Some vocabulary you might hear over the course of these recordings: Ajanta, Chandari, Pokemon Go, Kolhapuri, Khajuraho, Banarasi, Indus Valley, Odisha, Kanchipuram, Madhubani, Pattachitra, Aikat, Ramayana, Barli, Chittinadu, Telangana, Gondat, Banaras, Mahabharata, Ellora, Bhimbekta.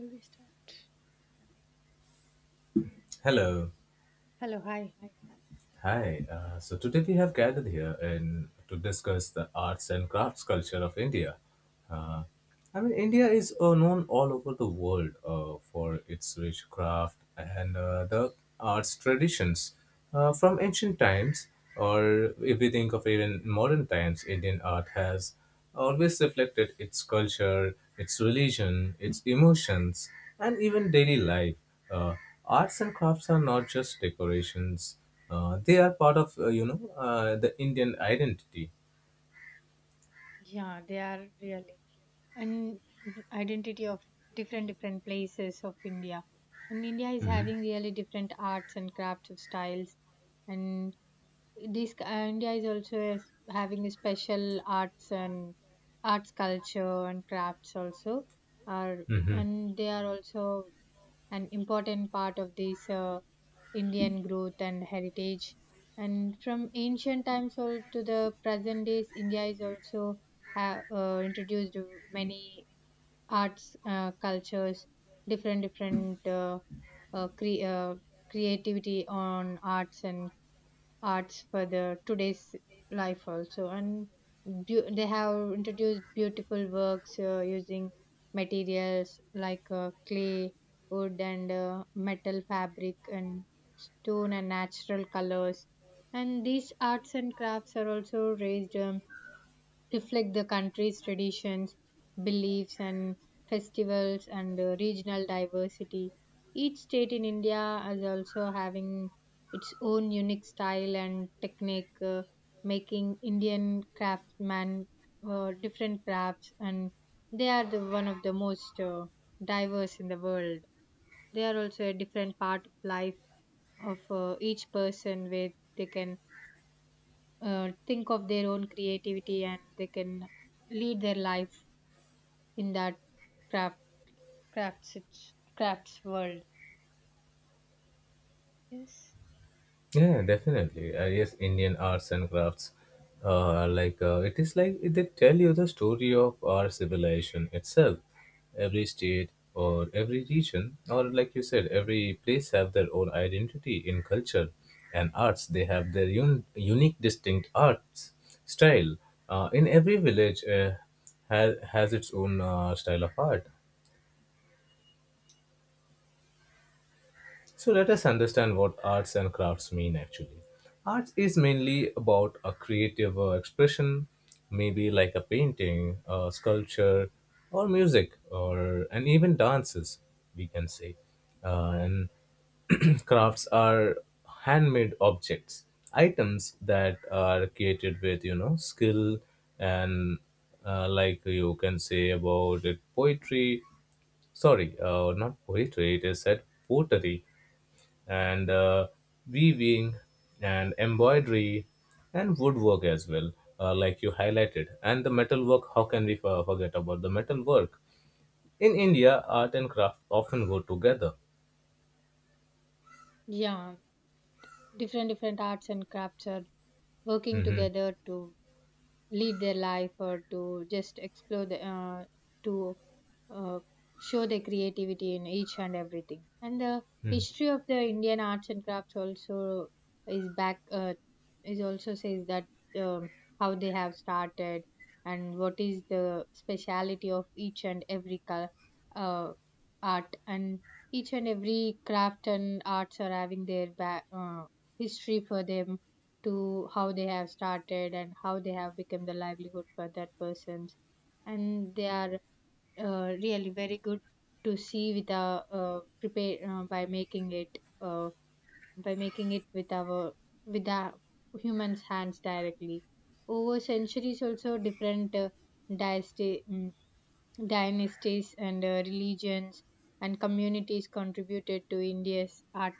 Shall we start? Hello. Hello, hi, hi. Hi. So today we have gathered here in to discuss the arts and crafts culture of India. Uh, I mean, India is known all over the world for its rich craft and the arts traditions. From ancient times, or if we think of even modern times, Indian art has always reflected its culture, its religion, its emotions, and even daily life. Uh, Arts and crafts are not just decorations; they are part of the Indian identity. Yeah, they are really and identity of different places of India. And India is having really different arts and crafts of styles. And this India is also having a special arts and arts culture and crafts also are Hmm. and they are also an important part of this Indian growth and heritage. And from ancient times all to the present days, India is also introduced many arts, cultures, different different uh, uh, cre- uh, creativity on arts and arts for the today's life also, and beau they have introduced beautiful works using materials like clay, wood, and metal, fabric, and stone, and natural colors. And these arts and crafts are also raised reflect the country's traditions, beliefs, and festivals and regional diversity. Each state in India is also having its own unique style and technique, making Indian craftsmen different crafts, and they are the one of the most diverse in the world. They are also a different part of life of each person where they can think of their own creativity and they can lead their life in that craft crafts it's- crafts world. Yes. Yeah, definitely. Yes, Indian arts and crafts. Like, it is like they tell you the story of our civilization itself. Every state or every region, or like you said, every place have their own identity in culture and arts. They have their unique, distinct arts style. In every village, has its own style of art. So let us understand what arts and crafts mean actually. Arts is mainly about a creative expression, maybe like a painting, a sculpture, or music, or and even dances, we can say. And crafts are handmade objects, items that are created with you know skill and like you can say about it poetry. Sorry, not poetry. It is said pottery and weaving and embroidery and woodwork as well, like you highlighted. And the metalwork, how can we forget about the metalwork in india art and craft often go together. Yeah, different arts and crafts are working Mhm. together to lead their life or to just explore the to uh, show their creativity in each and everything, and the history of the Indian arts and crafts also is back uh, is also says that um, how they have started and what is the speciality of each and every uh, art, and each and every craft and arts are having their history for them, to how they have started and how they have become the livelihood for that persons. And they are really very good to see with our prepare by making it with our humans hands directly. Over centuries also, different dynasty, mm, dynasties and religions and communities contributed to India's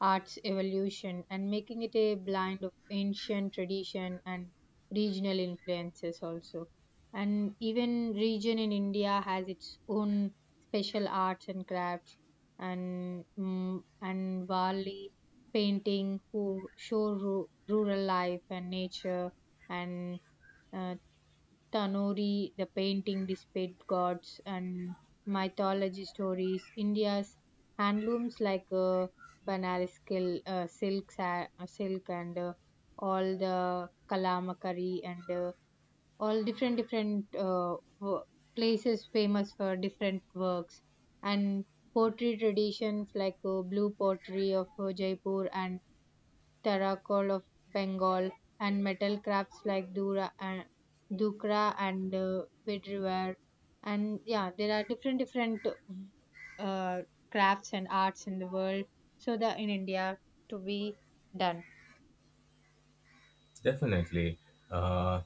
arts evolution, and making it a blend of ancient tradition and regional influences also. And even region in India has its own special arts and crafts, and and Wali painting who show rural life and nature, and uh, Tanori, the painting displayed gods and mythology stories. India's handlooms like Banaras silk, silk and all the Kalamakari and all places famous for different works, and pottery traditions like blue pottery of Jaipur and terracotta of Bengal, and metal crafts like Dura and Dukra and bedware. And yeah, there are different uh, crafts and arts in the world so that in India to be done. Definitely. Uh,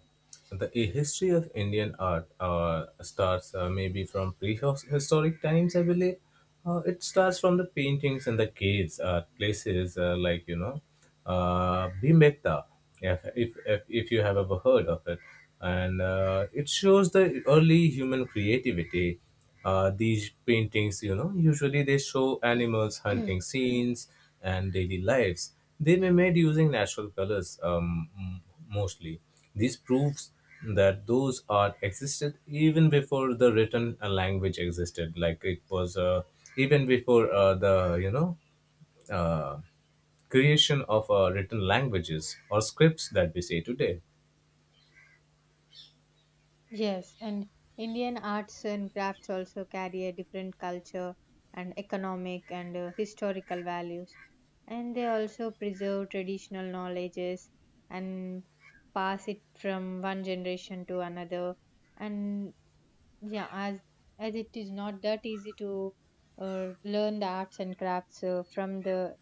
the history of Indian art starts maybe from prehistoric times, I believe. It starts from the paintings and the caves, places like Bhimbekta, if you have ever heard of it. And it shows the early human creativity, these paintings, you know, usually they show animals, hunting scenes and daily lives. They were made using natural colors mostly. This proves that those art existed even before the written language existed. Like it was even before the you know uh, creation of written languages or scripts that we say today. Yes, and Indian arts and crafts also carry a different culture and economic and historical values. And they also preserve traditional knowledges and pass it from one generation to another. And yeah, as it is not that easy to learn the arts and crafts from the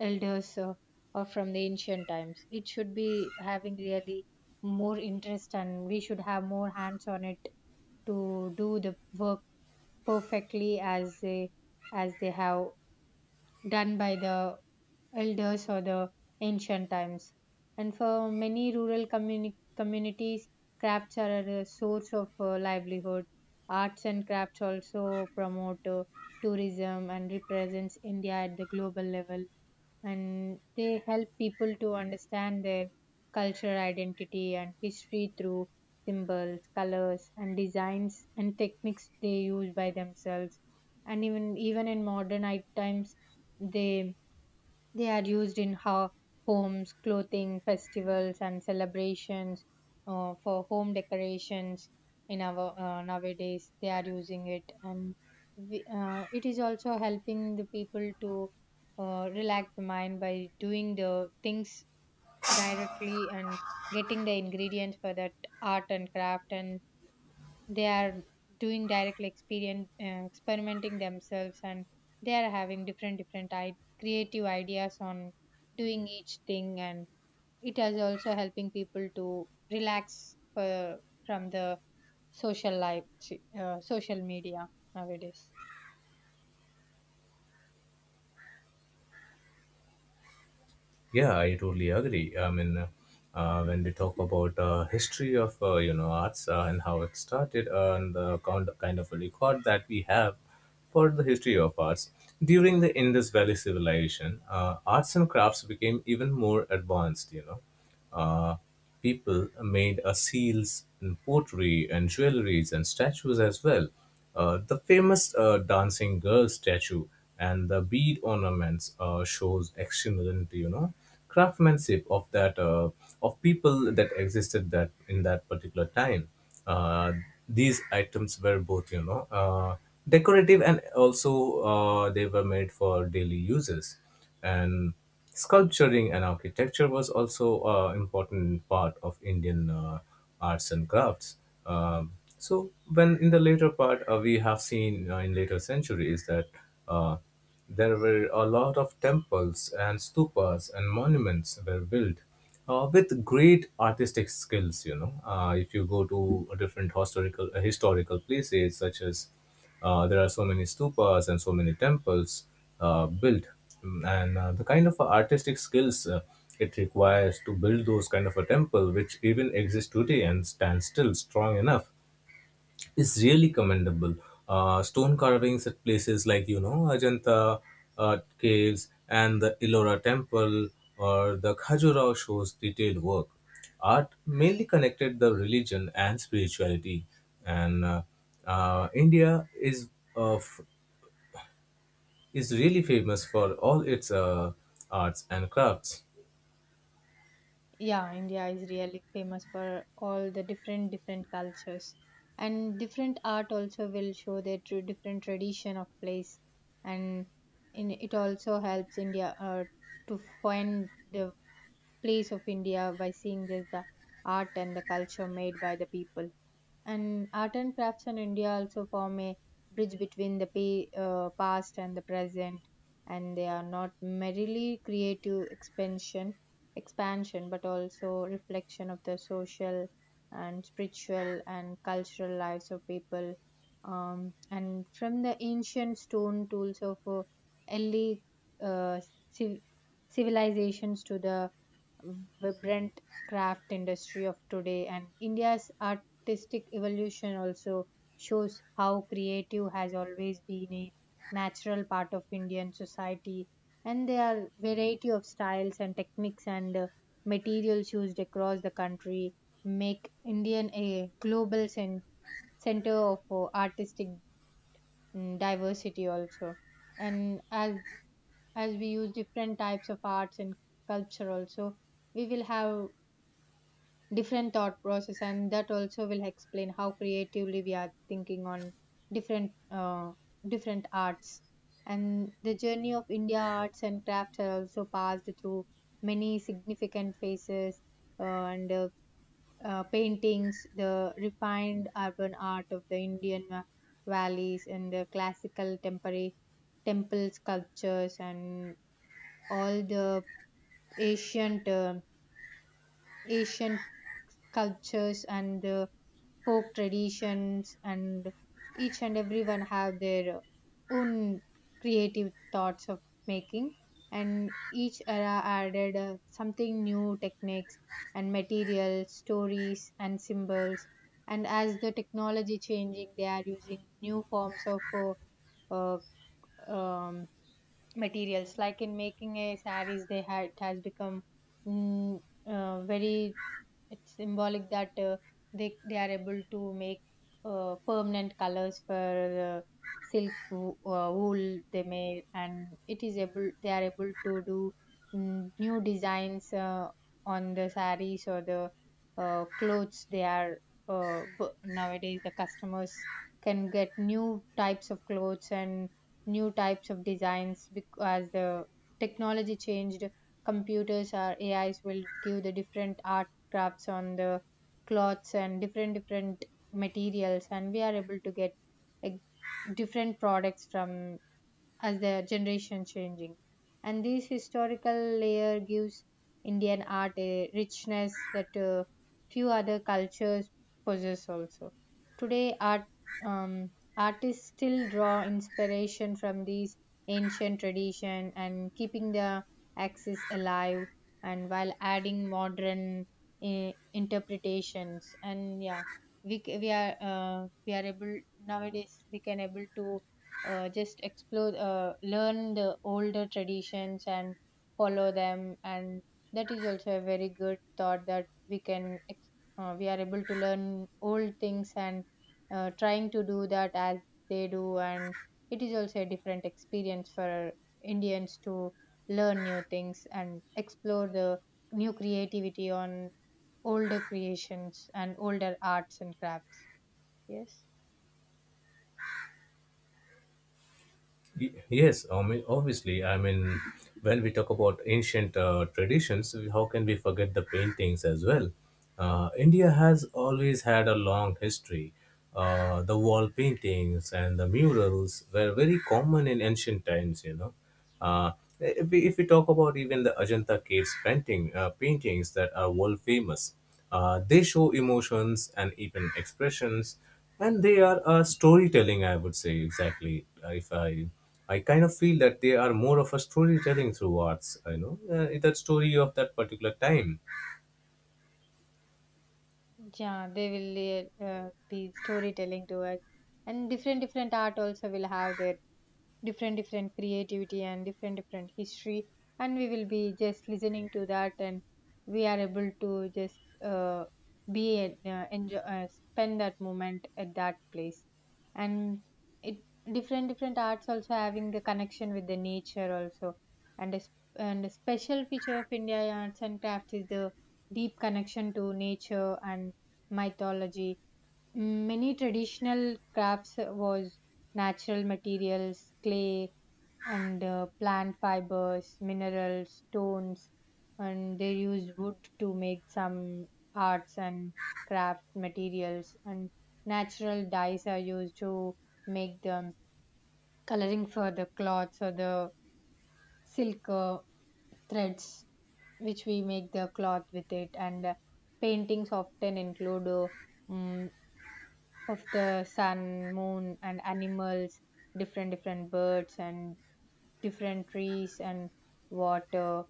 elders, or from the ancient times. It should be having really more interest, and we should have more hands on it to do the work perfectly as they have done by the elders or the ancient times. And for many rural communities, crafts are a source of livelihood. Arts and crafts also promote tourism and represents India at the global level, and they help people to understand their cultural identity and history through symbols, colors, and designs and techniques they use by themselves. And even in modern times, they they are used in homes, clothing, festivals, and celebrations, for home decorations. In our nowadays, they are using it, and it is also helping the people to relax the mind by doing the things directly and getting the ingredients for that art and craft. And they are doing directly experience experimenting themselves, and they are having creative ideas on doing each thing, and it is also helping people to relax from the social life social media nowadays. Yeah, I totally agree. I mean, when we talk about history of arts and how it started and the kind of a record that we have for the history of arts during the Indus Valley civilization, arts and crafts became even more advanced. You know, uh, people made seals and pottery and jewelries and statues as well. The famous dancing girl statue and the bead ornaments shows excellent, you know, craftsmanship of that of people that existed that in that particular time. Uh, these items were both, you know, decorative and also they were made for daily uses. And sculpturing and architecture was also an important part of Indian arts and crafts. Um, so, when in the later part, we have seen in later centuries that uh, there were a lot of temples and stupas and monuments were built with great artistic skills. You know, if you go to different historical places such as there are so many stupas and so many temples built. Mm, and the kind of artistic skills it requires to build those kind of a temple, which even exist today and stand still strong enough, is really commendable. Stone carvings at places like you know Ajanta caves and the Ellora temple or the Khajuraho shows detailed work. Art mainly connected the religion and spirituality, and India is of is really famous for all its arts and crafts. Yeah, India is really famous for all the different cultures, and different art also will show their true different tradition of place, and in it also helps India to find the place of India by seeing just the art and the culture made by the people. And art and crafts in India also form a bridge between the past and the present, and they are not merely creative expansion, but also reflection of the social and spiritual and cultural lives of people. And from the ancient stone tools of early uh, civ- civilizations to the vibrant craft industry of today, and India's artistic evolution also shows how creative has always been a natural part of Indian society, and there are variety of styles and techniques and materials used across the country, make Indian a global center of artistic diversity also. And as we use different types of arts and culture also, we will have different thought process, and that also will explain how creatively we are thinking on different uh, different arts. And the journey of India arts and crafts are also passed through many significant phases, and paintings, the refined urban art of the Indian valleys and the classical temporary temple sculptures, and all the ancient uh, ancient cultures and the folk traditions, and each and everyone have their own creative thoughts of making, and each era added something new techniques and materials, stories and symbols. And as the technology changing, they are using new forms of uh, um, materials like in making a saris, they had it has become mm, very it's symbolic that they are able to make permanent colors for uh, silk wool they made, and it is able they are able to do new designs on the sarees or the clothes they are nowadays the customers can get new types of clothes and new types of designs because the technology changed. Computers or AIs will give the different art crafts on the cloths and different materials, and we are able to get like different products from as their generation changing, and this historical layer gives Indian art a richness that few other cultures possess also. Today um, artists still draw inspiration from these ancient tradition and keeping the axis alive, and while adding modern interpretations. And yeah, we c- we are able nowadays we can able to just explore, learn the older traditions and follow them. And that is also a very good thought that we are able to learn old things and trying to do that as they do, and it is also a different experience for Indians to learn new things and explore the new creativity on older creations and older arts and crafts. Yes. Yes, I mean, obviously. I mean, when we talk about ancient traditions, how can we forget the paintings as well? India has always had a long history. The wall paintings and the murals were very common in ancient times, you know. Uh, if we talk about even the Ajanta caves painting paintings that are world famous, they show emotions and even expressions, and they are storytelling. I would say exactly. If I kind of feel that they are more of a storytelling through arts. You know, that story of that particular time. Yeah, they will be storytelling to us, and different art also will have their different creativity and different history, and we will be just listening to that, and we are able to just enjoy spend that moment at that place, and it different arts also having the connection with the nature also. And a special feature of India arts and crafts is the deep connection to nature and mythology. Many traditional crafts was natural materials, clay and plant fibers, minerals, stones, and they use wood to make some arts and craft materials. And natural dyes are used to make the coloring for the cloths or the silk threads, which we make the cloth with it. And paintings often include mm, of the sun, moon, and animals, different birds and different trees and water,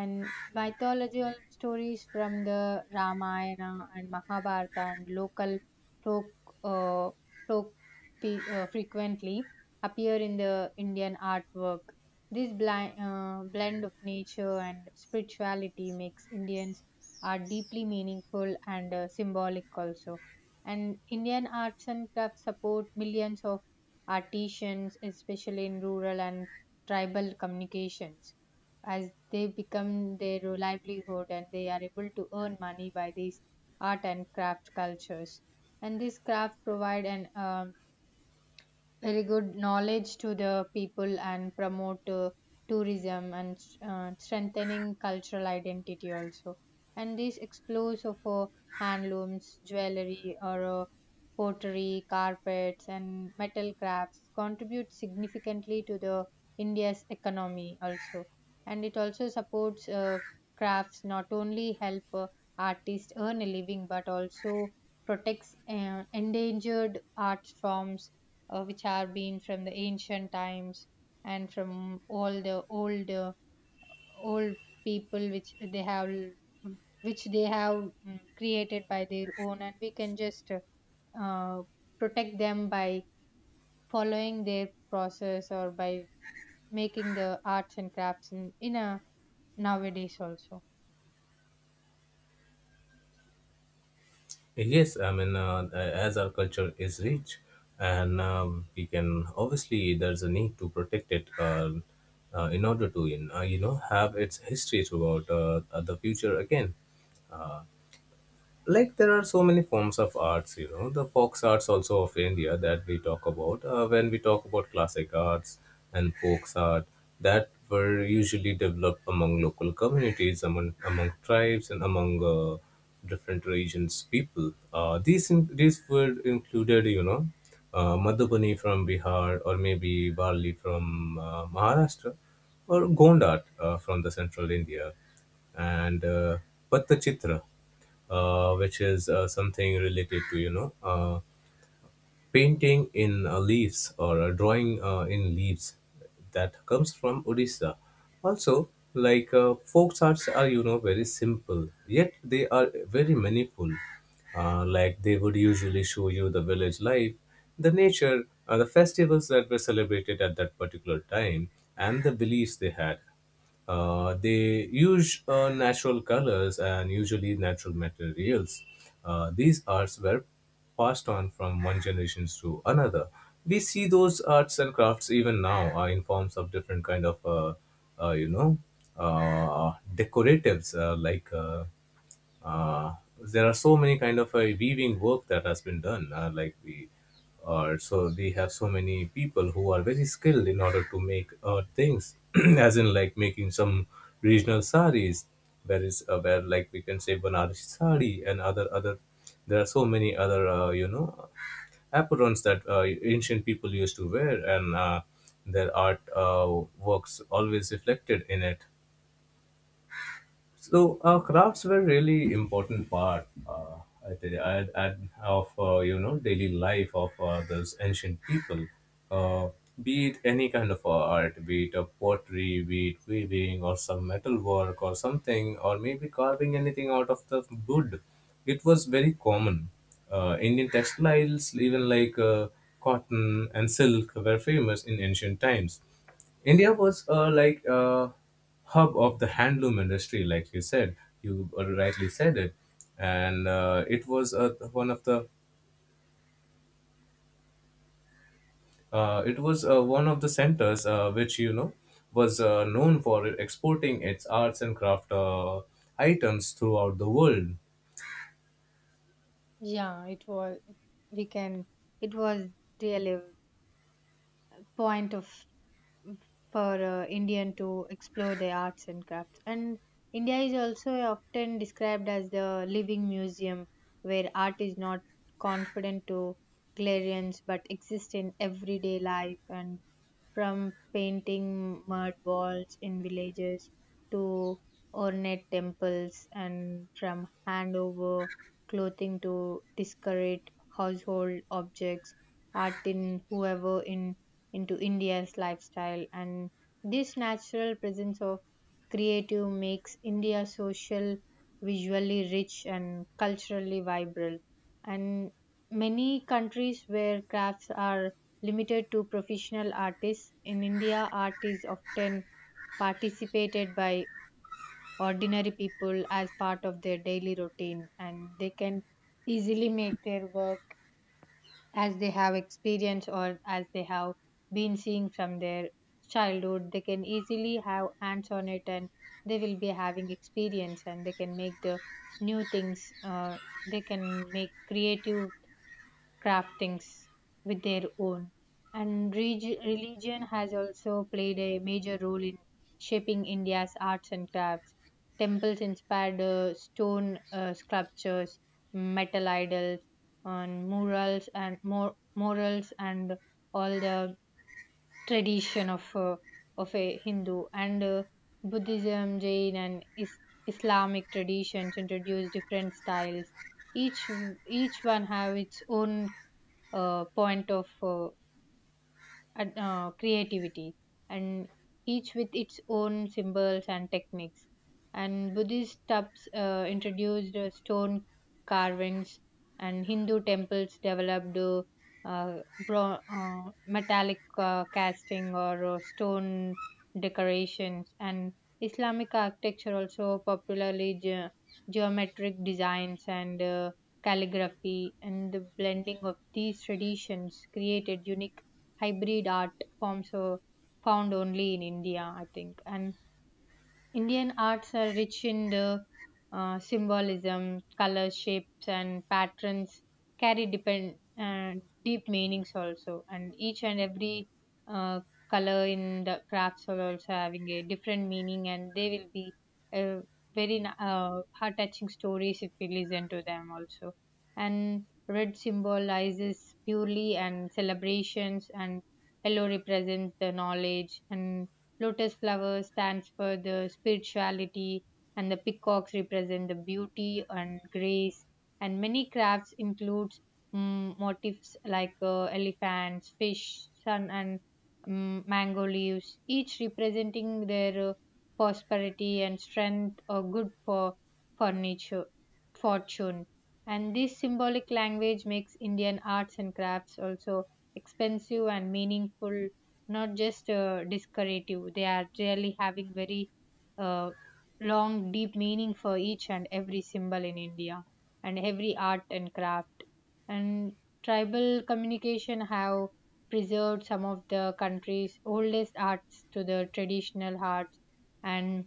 and mythological stories from the Ramayana and Mahabharata and local folk uh, folk frequently appear in the Indian artwork. This blend of nature and spirituality makes Indians art deeply meaningful and symbolic also. And Indian arts and crafts support millions of artisans, especially in rural and tribal communications as they become their livelihood, and they are able to earn money by these art and craft cultures. And these craft provide an very good knowledge to the people and promote tourism and strengthening cultural identity also. And this explores of handlooms, jewelry, or pottery, carpets, and metal crafts contribute significantly to the india's economy also. And it also supports crafts not only help artists earn a living but also protects endangered art forms which are been from the ancient times, and from all the old old people which they have which they have created by their own, and we can just uh, protect them by following their process or by making the arts and crafts in a nowadays also. Yes, I mean, as our culture is rich, and we can obviously there's a need to protect it in order to, have its history throughout the future again. Uh, like there are so many forms of arts, you know, the fox arts also of india that we talk about. When we talk about classic arts and folk art that were usually developed among local communities, among tribes and among different regions people, these were included, you know, madhubani from bihar or maybe barli from maharashtra or Gondat from the central India, and Pattachitra, which is something related to you know painting in leaves or drawing in leaves that comes from odisha also. Like, folk arts are, you know, very simple yet they are very meaningful. Like they would usually show you the village life, the nature, the festivals that were celebrated at that particular time and the beliefs they had. They use natural colors and usually natural materials. These arts were passed on from one generation to another. We see those arts and crafts even now in forms of different kind of, uh, you know, decoratives like there are so many kind of weaving work that has been done. Uh, like we uh, so we have so many people who are very skilled in order to make things as in like making some regional saris, where is where, like we can say, Banarasi sari and other, there are so many other aprons that ancient people used to wear, and their art works always reflected in it. So crafts were really important part, I think, of daily life of those ancient people. Uh, be it any kind of art, be it a pottery, be it weaving or some metal work or something, or maybe carving anything out of the wood, it was very common. Indian textiles, even like cotton and silk, were famous in ancient times. India was like a hub of the handloom industry, like you said. You rightly said it, and it was one of the it was one of the centers which you know was known for exporting its arts and craft items throughout the world. Yeah, it was, we can, it was really point of for Indian to explore their arts and crafts. And India is also often described as the living museum where art is not confident to galleries but exists in everyday life, and from painting mud walls in villages to ornate temples, and from handover clothing to discarded household objects, art in whoever in into India's lifestyle. And this natural presence of creative makes India social, visually rich, and culturally vibrant. And many countries where crafts are limited to professional artists, in India, art is often participated by ordinary people as part of their daily routine, and they can easily make their work as they have experienced or as they have been seeing from their childhood. They can easily have hands on it, and they will be having experience, and they can make the new things. They can make creative craftings with their own. And religion has also played a major role in shaping India's arts and crafts. Temples inspired stone sculptures, metal idols, and murals, and morals, and all the tradition of a Hindu, and Buddhism, Jain, and Islamic traditions introduce different styles. Each each one have its own point of and, creativity, and each with its own symbols and techniques. And Buddhist stups introduced stone carvings, and Hindu temples developed metallic casting or stone decorations, and Islamic architecture also popularly geometric designs and calligraphy. And the blending of these traditions created unique hybrid art forms were found only in India, I think. And Indian arts are rich in the symbolism, color, shapes, and patterns carry deep meanings also. And each and every uh, color in the crafts are also having a different meaning, and they will be uh, very heart touching stories if we listen to them also. And red symbolizes purely and celebrations, and yellow represents the knowledge, and Lotus flower stands for the spirituality, and the peacocks represent the beauty and grace. And many crafts includes motifs like elephants, fish, sun, and mango leaves, each representing their prosperity and strength, or good for furniture fortune. And this symbolic language makes Indian arts and crafts also expensive and meaningful, not just decorative. They are really having very uh, long deep meaning for each and every symbol in india and every art and craft. And tribal communication have preserved some of the country's oldest arts to the traditional arts. And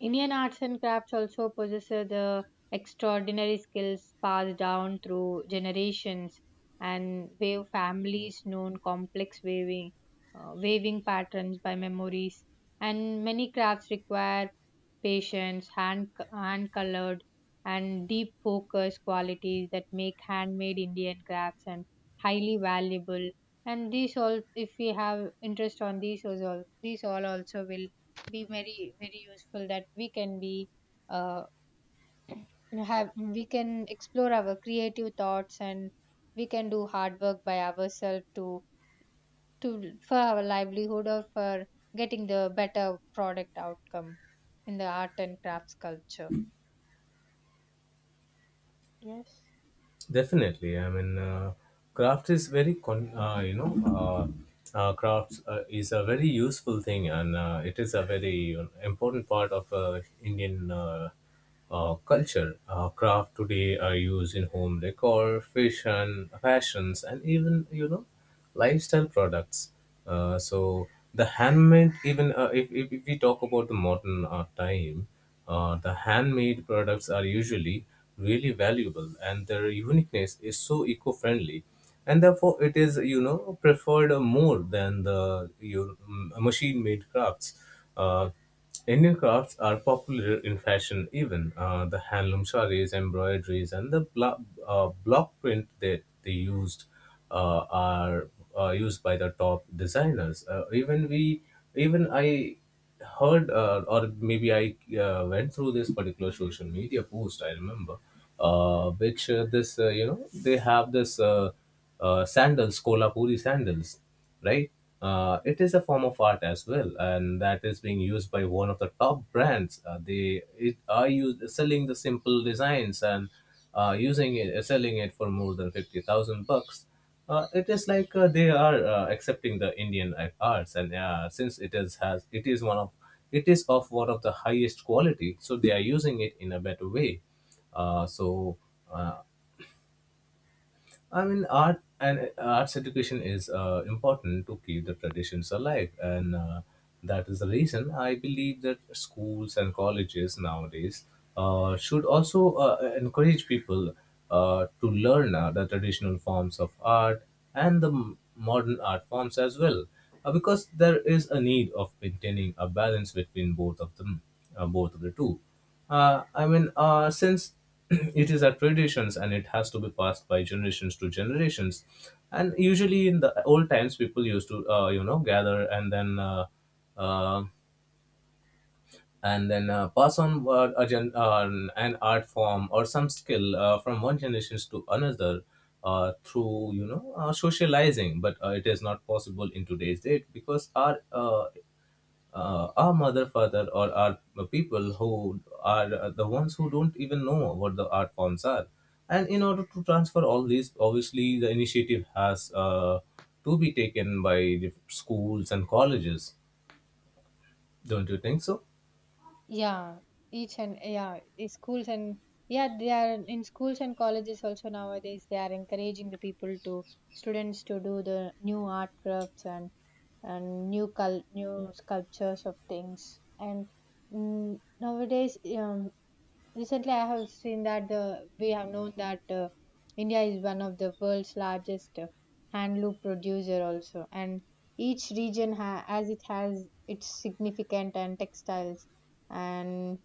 Indian arts and crafts also possess the extraordinary skills passed down through generations, and wave families known complex weaving, weaving patterns by memories. And many crafts require patience, hand hand colored, and deep focus qualities that make handmade Indian crafts and highly valuable. And these all, if we have interest on these all also will be very very useful, that we can be uh, have, we can explore our creative thoughts, and we can do hard work by ourselves to for our livelihood or for getting the better product outcome in the art and crafts culture. Yes. Definitely. I mean, craft is very, crafts is a very useful thing, and it is a very important part of Indian culture. Craft today are used in home decor, fashions, and even, you know, lifestyle products. So the handmade, even if we talk about the modern time, the handmade products are usually really valuable and their uniqueness is so eco-friendly, and therefore it is you know preferred more than the you machine-made crafts. uh, Indian crafts are popular in fashion, even the handloom sarees, embroideries and the block print that they used are used by the top designers. Even we, even I heard or maybe I went through this particular social media post I remember, which this you know they have this sandals Kolhapuri sandals, right? It is a form of art as well, and that is being used by one of the top brands. They are used selling the simple designs and using it, selling it for more than 50,000 bucks. It is like they are accepting the Indian arts, and since it is one of, it is of one of the highest quality, so they are using it in a better way. Uh, so uh, I mean, art and arts education is important to keep the traditions alive, and that is the reason I believe that schools and colleges nowadays should also encourage people to learn the traditional forms of art and the modern art forms as well, because there is a need of maintaining a balance between both of them, both of the two. Since it is a traditions and it has to be passed by generations to generations. And usually in the old times people used to gather and then uh, pass on an art form or some skill, from one generations to another through you know socializing. But it is not possible in today's date, because our mother father, or our people who are the ones who don't even know what the art forms are. And in order to transfer all these, obviously the initiative has to be taken by the schools and colleges, don't you think so? Yeah, each and yeah, schools and yeah, they are in schools and colleges also nowadays they are encouraging the people to students to do the new art crafts, and new new sculptures of things, and nowadays recently I have seen that the we have known that india is one of the world's largest handloom producer also, and each region as it has its significant and textiles and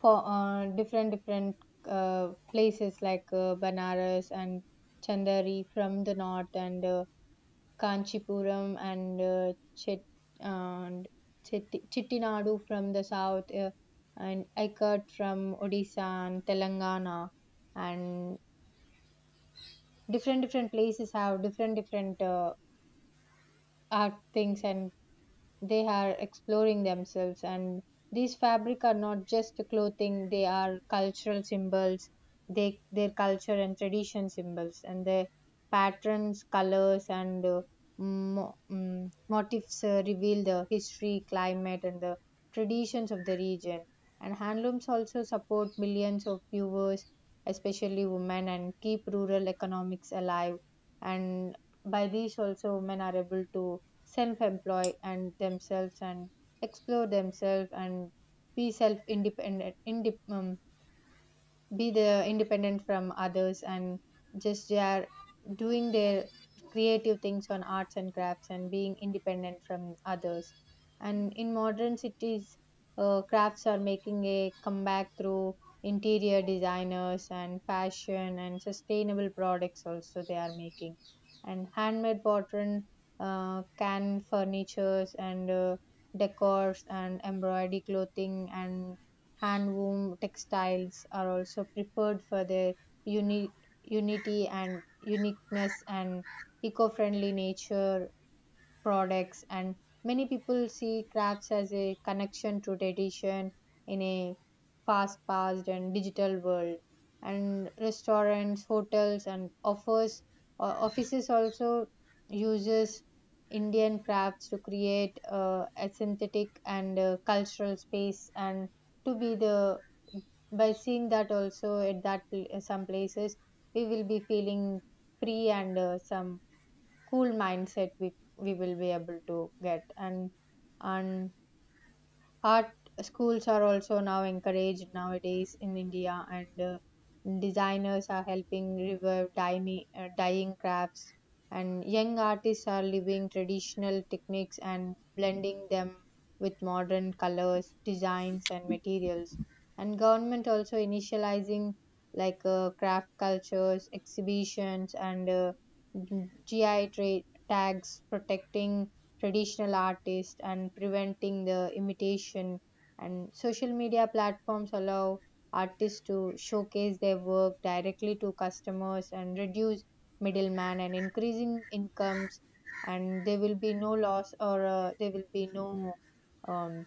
for different different places like banaras and chandari from the north, and Kanchipuram and and Chittinadu from the south, and Aikat from Odisha and Telangana, and different different places have different different art things, and they are exploring themselves, and these fabric are not just clothing, they are cultural symbols. They their culture and tradition symbols, and their patterns, colors, and motifs reveal the history, climate, and the traditions of the region. And handlooms also support millions of viewers, especially women, and keep rural economics alive. And by these also women are able to self-employ and themselves and explore themselves and be be the independent from others, and just they are doing their creative things on arts and crafts and being independent from others. And in modern cities, crafts are making a comeback through interior designers and fashion and sustainable products also they are making, and handmade pattern, can furnitures, and decors, and embroidery clothing, and hand woven textiles are also preferred for their uni- unity and uniqueness and eco friendly nature products. And many people see crafts as a connection to tradition in a fast paced and digital world. And restaurants, hotels, and offers, offices also uses indian crafts to create a synthetic and cultural space, and to be the, by seeing that also at that some places we will be feeling free, and some cool mindset we will be able to get. And and art schools are also now encouraged nowadays in India, and designers are helping revive dyeing, dyeing crafts, and young artists are living traditional techniques and blending them with modern colors, designs, and materials. And government also initializing like craft cultures, exhibitions, and GI tags protecting traditional artists and preventing the imitation. And social media platforms allow artists to showcase their work directly to customers and reduce middleman and increasing incomes, and there will be no loss, or there will be no um,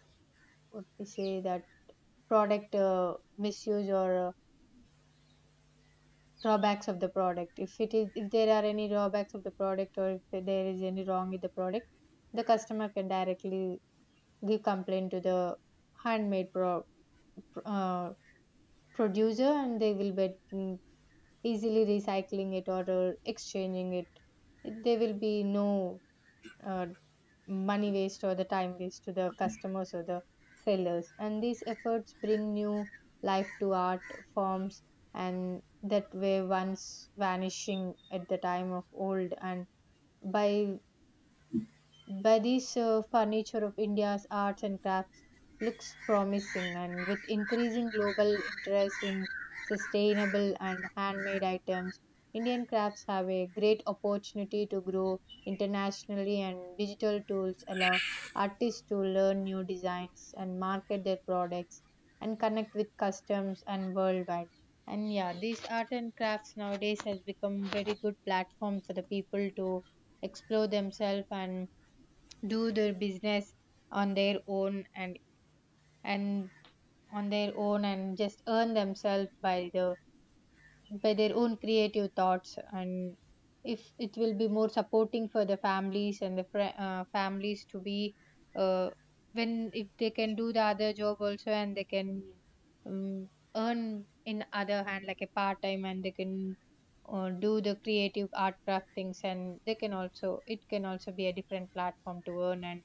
what we say that product misuse, or drawbacks of the product. If it is, if there are any drawbacks of the product, or if there is any wrong with the product, the customer can directly give complaint to the handmade pro- uh, producer, and they will be easily recycling it or exchanging it. There will be no uh, money waste or the time waste to the customers or the sellers. And these efforts bring new life to art forms and that were once vanishing at the time of old. And by Badi's furniture of India's arts and crafts looks promising, and with increasing global interest in sustainable and handmade items, Indian crafts have a great opportunity to grow internationally, and digital tools allow artists to learn new designs and market their products and connect with customs and worldwide. And yeah, these art and crafts nowadays has become very good platform for the people to explore themselves and do their business on their own, and and on their own, and just earn themselves by the by their own creative thoughts. And if it will be more supporting for the families and the fr families to be uh, when if they can do the other job also, and they can um, earn in other hand like a part time, and they can do the creative art craft things, and they can also, it can also be a different platform to earn and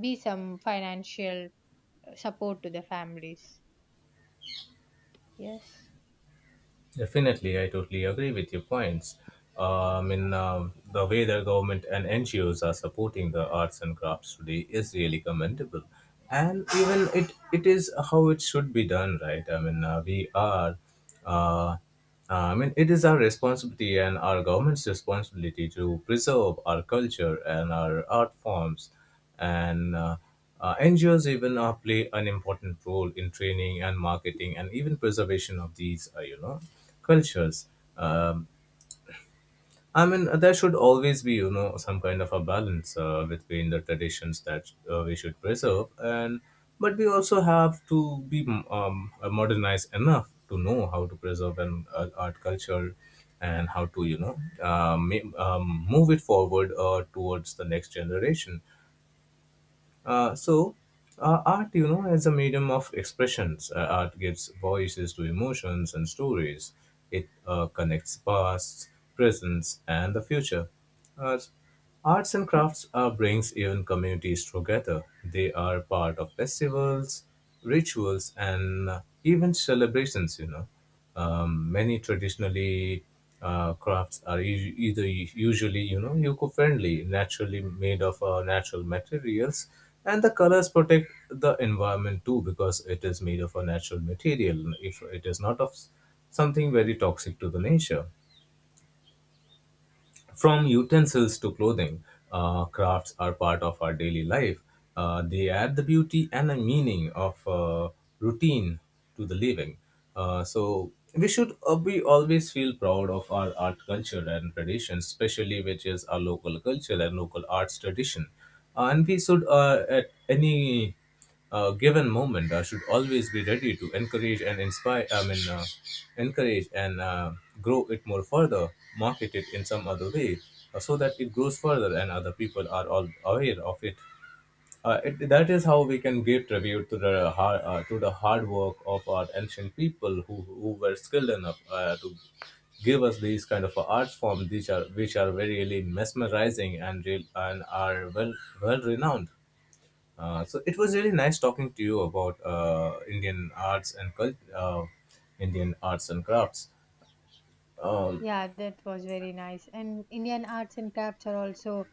be some financial support to the families. Yes. Definitely, I totally agree with your points. The way the government and NGOs are supporting the arts and crafts today is really commendable, and even it is how it should be done, right? We are. Uh, it is our responsibility and our government's responsibility to preserve our culture and our art forms. And NGOs even play an important role in training and marketing and even preservation of these, you know, cultures. Um, there should always be, you know, some kind of a balance between the traditions that we should preserve, and but we also have to be modernized enough to know how to preserve an art culture, and how to, you know, um, move it forward towards the next generation. Uh, so, art, you know, as a medium of expressions, art gives voices to emotions and stories. It connects past, present, and the future. Uh, Arts and crafts brings even communities together. They are part of festivals, rituals, and even celebrations. You know, many traditionally crafts are either usually you know eco-friendly, naturally made of natural materials, and the colors protect the environment too, because it is made of a natural material, if it is not of something very toxic to the nature. From utensils to clothing, crafts are part of our daily life. They add the beauty and the meaning of routine to the living. We always feel proud of our art culture and tradition, especially which is our local culture and local arts tradition. And we should, at any a given moment, should always be ready to encourage and inspire, encourage and grow it more further, market it in some other way, so that it grows further and other people are all aware of it. That is how we can give tribute to the hard work of our ancient people, who were skilled enough to give us these kind of art forms, which are very really mesmerizing and real, and are well well renowned. So it was really nice talking to you about Indian arts and crafts. Um, Yeah, that was very nice. And Indian arts and crafts are also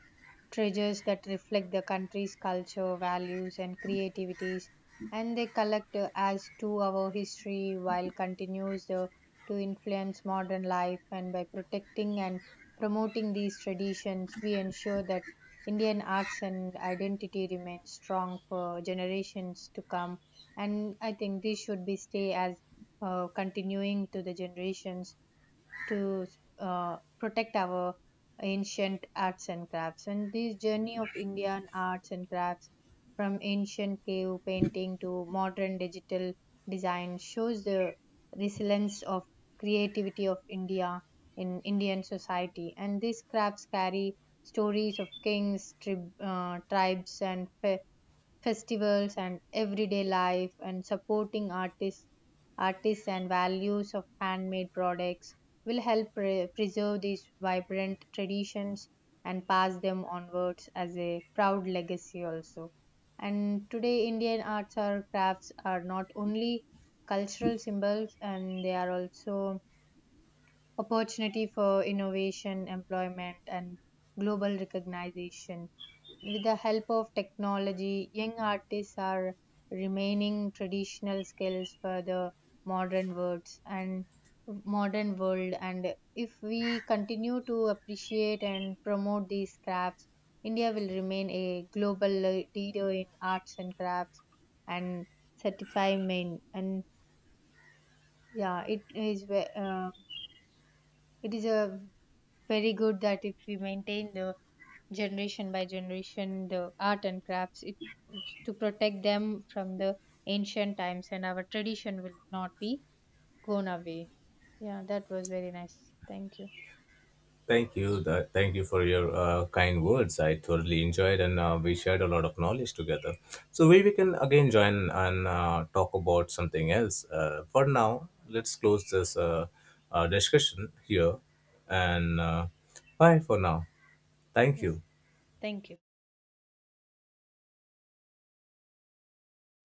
treasures that reflect the country's culture, values, and creativities. And they collect as to our history while continues to influence modern life. And by protecting and promoting these traditions, we ensure that Indian arts and identity remain strong for generations to come. And I think this should be stay as continuing to the generations to protect our ancient arts and crafts. And this journey of Indian arts and crafts from ancient cave painting to modern digital design shows the resilience of creativity of India in Indian society. And these crafts carry stories of kings, tribes, and festivals, and everyday life, and supporting artists and values of handmade products will help preserve these vibrant traditions and pass them onwards as a proud legacy also. And today indian arts or crafts are not only cultural symbols, and they are also opportunity for innovation, employment, and global recognition. With the help of technology, young artists are remaining traditional skills for the modern words and modern world. And if we continue to appreciate and promote these crafts, India will remain a global leader in arts and crafts and certify main. And yeah, it is it is a very good that if we maintain the generation by generation the art and crafts it, to protect them from the ancient times, and our tradition will not be gone away. Yeah, that was very nice. Thank you. Thank you, thank you for your kind words. I thoroughly enjoyed, and we shared a lot of knowledge together. So we can again join and talk about something else. For now, let's close this discussion here, and bye for now. Thank Yes, you. thank you.